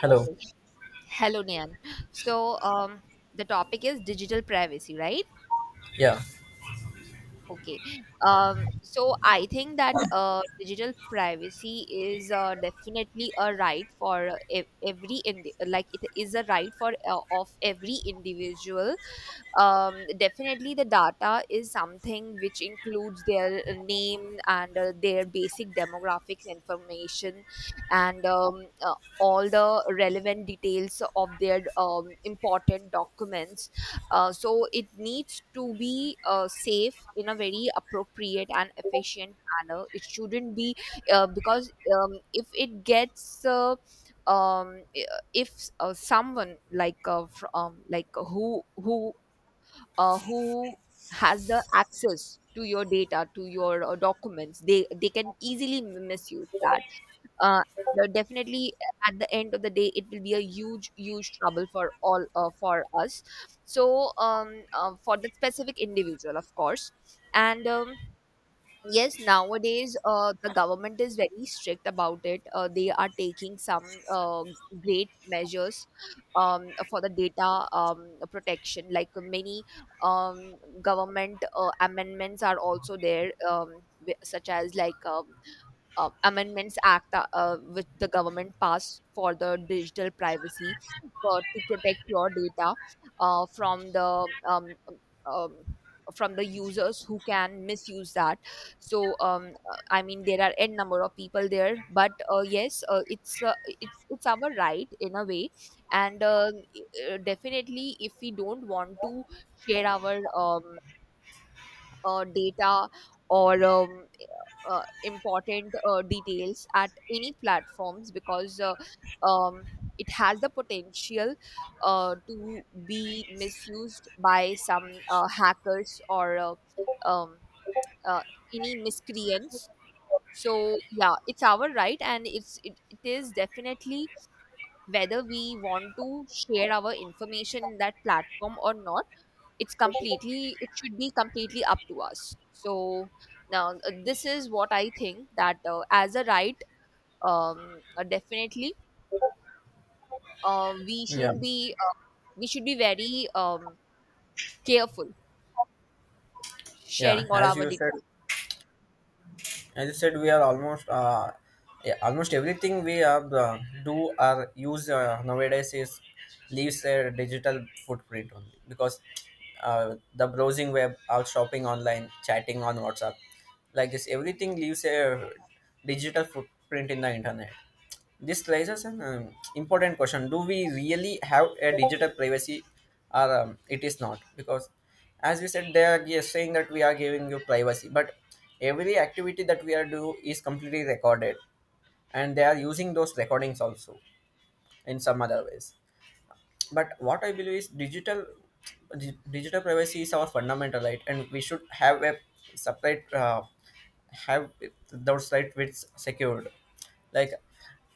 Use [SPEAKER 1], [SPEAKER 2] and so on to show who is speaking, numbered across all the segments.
[SPEAKER 1] Hello.
[SPEAKER 2] Okay. Hello, Nian. So, um, the topic is digital privacy, right?
[SPEAKER 1] Yeah.
[SPEAKER 2] Okay. So I think that digital privacy is definitely a right for like it is a right for of every individual. Definitely, the data is something which includes their name and their basic demographics information and all the relevant details of their important documents, so it needs to be safe in a very appropriate and efficient manner. It shouldn't be because if it gets I- If someone like fr- like who has the access to your data, to your documents, they can easily misuse that. uh, Definitely at the end of the day it will be a huge trouble for all, for us, so for the specific individual, of course. And Yes, nowadays the government is very strict about it. They are taking some great measures for the data protection. Like many government amendments are also there, such as Amendments Act which the government passed for the digital privacy, for, to protect your data uh, from the um, um, from the users who can misuse that. So I mean there are n number of people there, but yes, it's our right in a way, and definitely if we don't want to share our data or important details at any platforms because um, it has the potential to be misused by some hackers or um, uh, any miscreants. So yeah, it's our right and it is definitely whether we want to share our information in that platform or not. It's completely it should be completely up to us. So now, this is what I think, that as a right, definitely we
[SPEAKER 1] Yeah.
[SPEAKER 2] shouldn't be we should be very careful
[SPEAKER 1] Yeah.
[SPEAKER 2] sharing all
[SPEAKER 1] As
[SPEAKER 2] our
[SPEAKER 1] you said,
[SPEAKER 2] details.
[SPEAKER 1] we are almost yeah, almost everything we do or use nowadays is leaves a digital footprint only because the browsing web, out shopping online, chatting on WhatsApp, like this, everything leaves a digital footprint in the internet. This raises an important question: Do we really have a digital privacy, or it is not? Because, as you said, they are just saying that we are giving you privacy, but every activity that we are do is completely recorded, and they are using those recordings also in some other ways, but what I believe is digital privacy is our fundamental right, and we should have a separate have those rights which secured like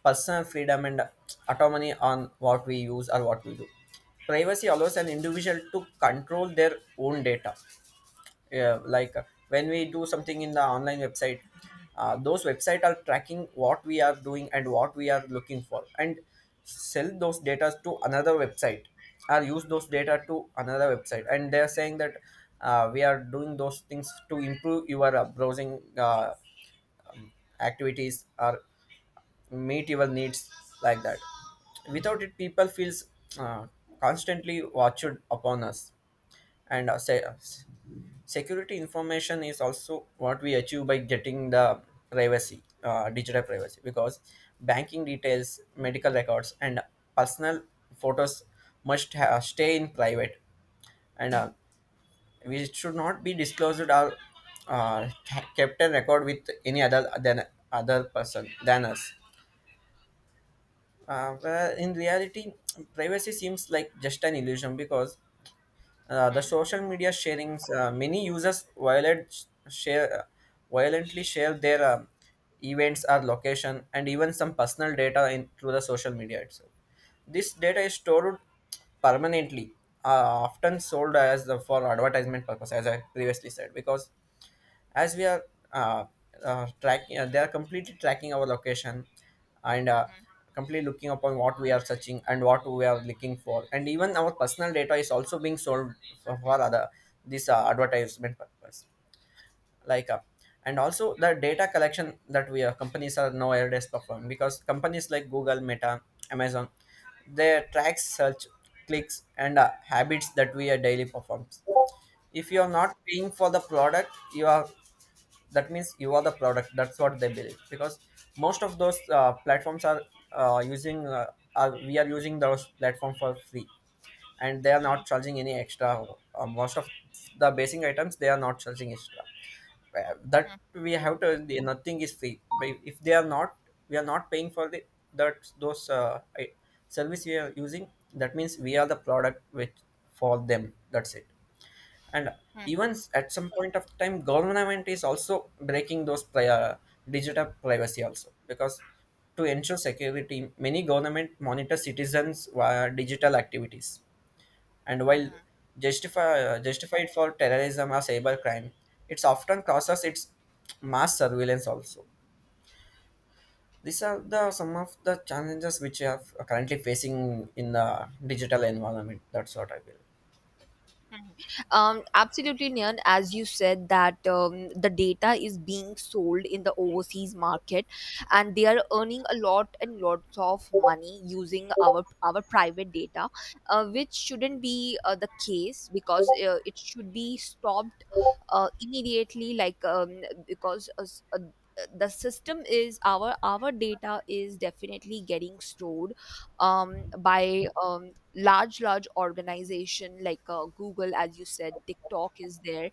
[SPEAKER 1] personal freedom and autonomy on what we use or what we do. Privacy allows an individual to control their own data. Yeah, like when we do something in the online website, those website are tracking what we are doing and what we are looking for, and sell those data to another website, or use those data to another website, and they are saying that we are doing those things to improve your browsing activities or meet your needs, like that. Without it, people feels uh, constantly watched upon us, and security information is also what we achieve by getting the privacy digital privacy, because banking details, medical records, and personal photos stay in private, and we should not be disclosed or kept a record with any other than other person than us. Where in reality, privacy seems like just an illusion, because the social media sharings, many users violent share, violently share their events or location, and even some personal data in, through the social media itself. This data is stored permanently, often sold as the, for advertisement purpose, as I previously said, because as we are uh, tracking they are completely tracking our location, and completely looking upon what we are searching and what we are looking for, and even our personal data is also being sold for other this advertisement purpose, like and also the data collection that we are companies are nowadays performing, because companies like Google, Meta, Amazon, they track search, clicks, and habits that we are daily performs. If you are not paying for the product, you are, that means you are the product, that's what they believe, because most of those platforms are using are we are using those platform for free, and they are not charging any extra, most of the basic items they are not charging extra. That we have to nothing is free. But if they are not, we are not paying for the, that those service we are using, that means we are the product which for them, that's it. And even at some point of time, government is also breaking those digital privacy also, because to ensure security, many government monitor citizens via digital activities, and while justify, justified for terrorism or cyber crime, it's often causes its mass surveillance also. These are the some of the challenges which are currently facing in the digital environment, that's what I believe.
[SPEAKER 2] Absolutely, Nyan. As you said, that the data is being sold in the overseas market, and they are earning a lot and lots of money using our private data, which shouldn't be the case, because it should be stopped immediately. The system is our data is definitely getting stored by large organization like google, as you said, tiktok is there,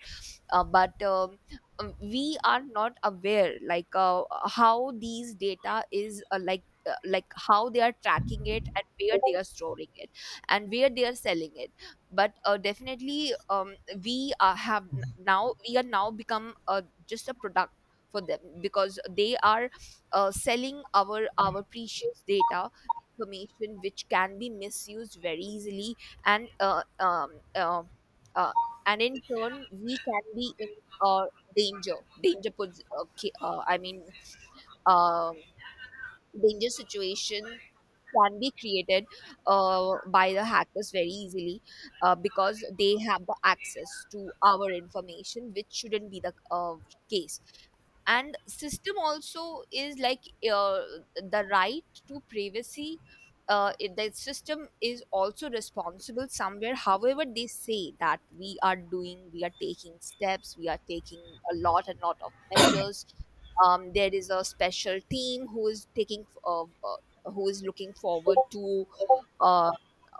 [SPEAKER 2] but we are not aware like how these data is like how they are tracking it and where they are storing it and where they are selling it. But Definitely now we are now become just a product for them, because they are selling our precious data information which can be misused very easily. And uh, um, uh, uh, and in turn we can be in uh, danger puts ki- I mean um danger situation can be created by the hackers very easily, because they have the access to our information, which shouldn't be the case. And system also is like uh, the right to privacy, the system is also responsible somewhere, however they say that we are doing, we are taking steps, we are taking a lot and lot of measures. Um, there is a special team who is taking who is looking forward to uh,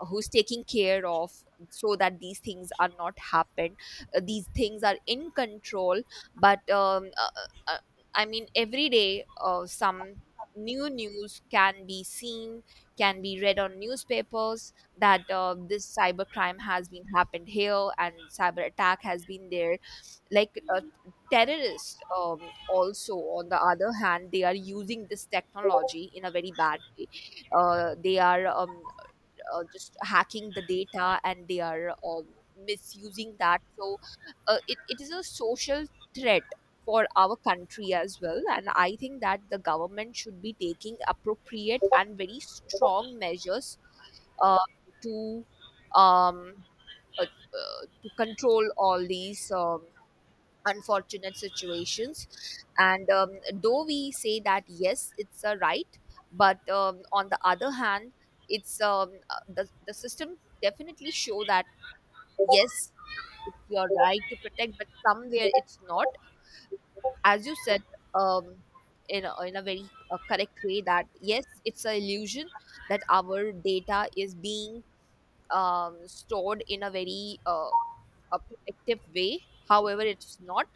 [SPEAKER 2] who's taking care of, so that these things are not happen, these things are in control. But uh, I mean, every day some new news can be seen, can be read on newspapers, that this cyber crime has been happened here and cyber attack has been there. Like terrorists, also, on the other hand, they are using this technology in a very bad way. They are just hacking the data and they are misusing that. So it is a social threat for our country as well. And I think that the government should be taking appropriate and very strong measures, uh, to um, to control all these. Unfortunate situations. And though we say that yes, it's a right, but on the other hand, the system definitely show that yes, it's your right to protect, but somewhere it's not, as you said, um, in a very correct way, that yes, it's a illusion that our data is being stored in a very a protective way. However, it's not,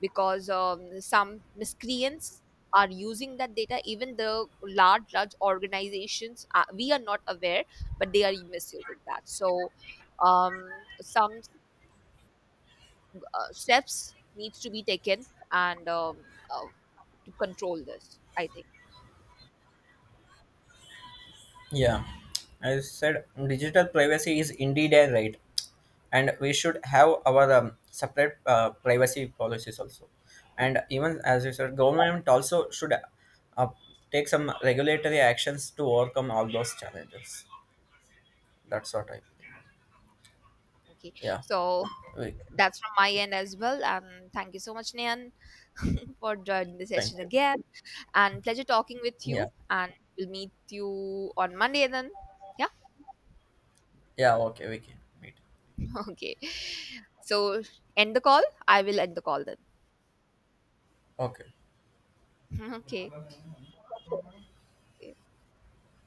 [SPEAKER 2] because some miscreants are using that data. Even the large organizations, we are not aware, but they are misusing that. So, um, some steps needs to be taken, and uh, to control this, I think.
[SPEAKER 1] Yeah, I said digital privacy is indeed a right, and we should have our separate privacy policies also. And even as you said, government also should uh, take some regulatory actions to overcome all those challenges. That's what I.
[SPEAKER 2] Okay,
[SPEAKER 1] Yeah,
[SPEAKER 2] so
[SPEAKER 1] we.
[SPEAKER 2] that's from my end as well. And thank you so much, Nayan, for joining the
[SPEAKER 1] Thank
[SPEAKER 2] session
[SPEAKER 1] you.
[SPEAKER 2] again. And pleasure talking with
[SPEAKER 1] Yeah,
[SPEAKER 2] you. And we'll meet you on Monday then. Yeah.
[SPEAKER 1] yeah. Okay, we can meet.
[SPEAKER 2] Okay. So end the call. I will end the call then.
[SPEAKER 1] Okay.
[SPEAKER 2] Okay. Okay.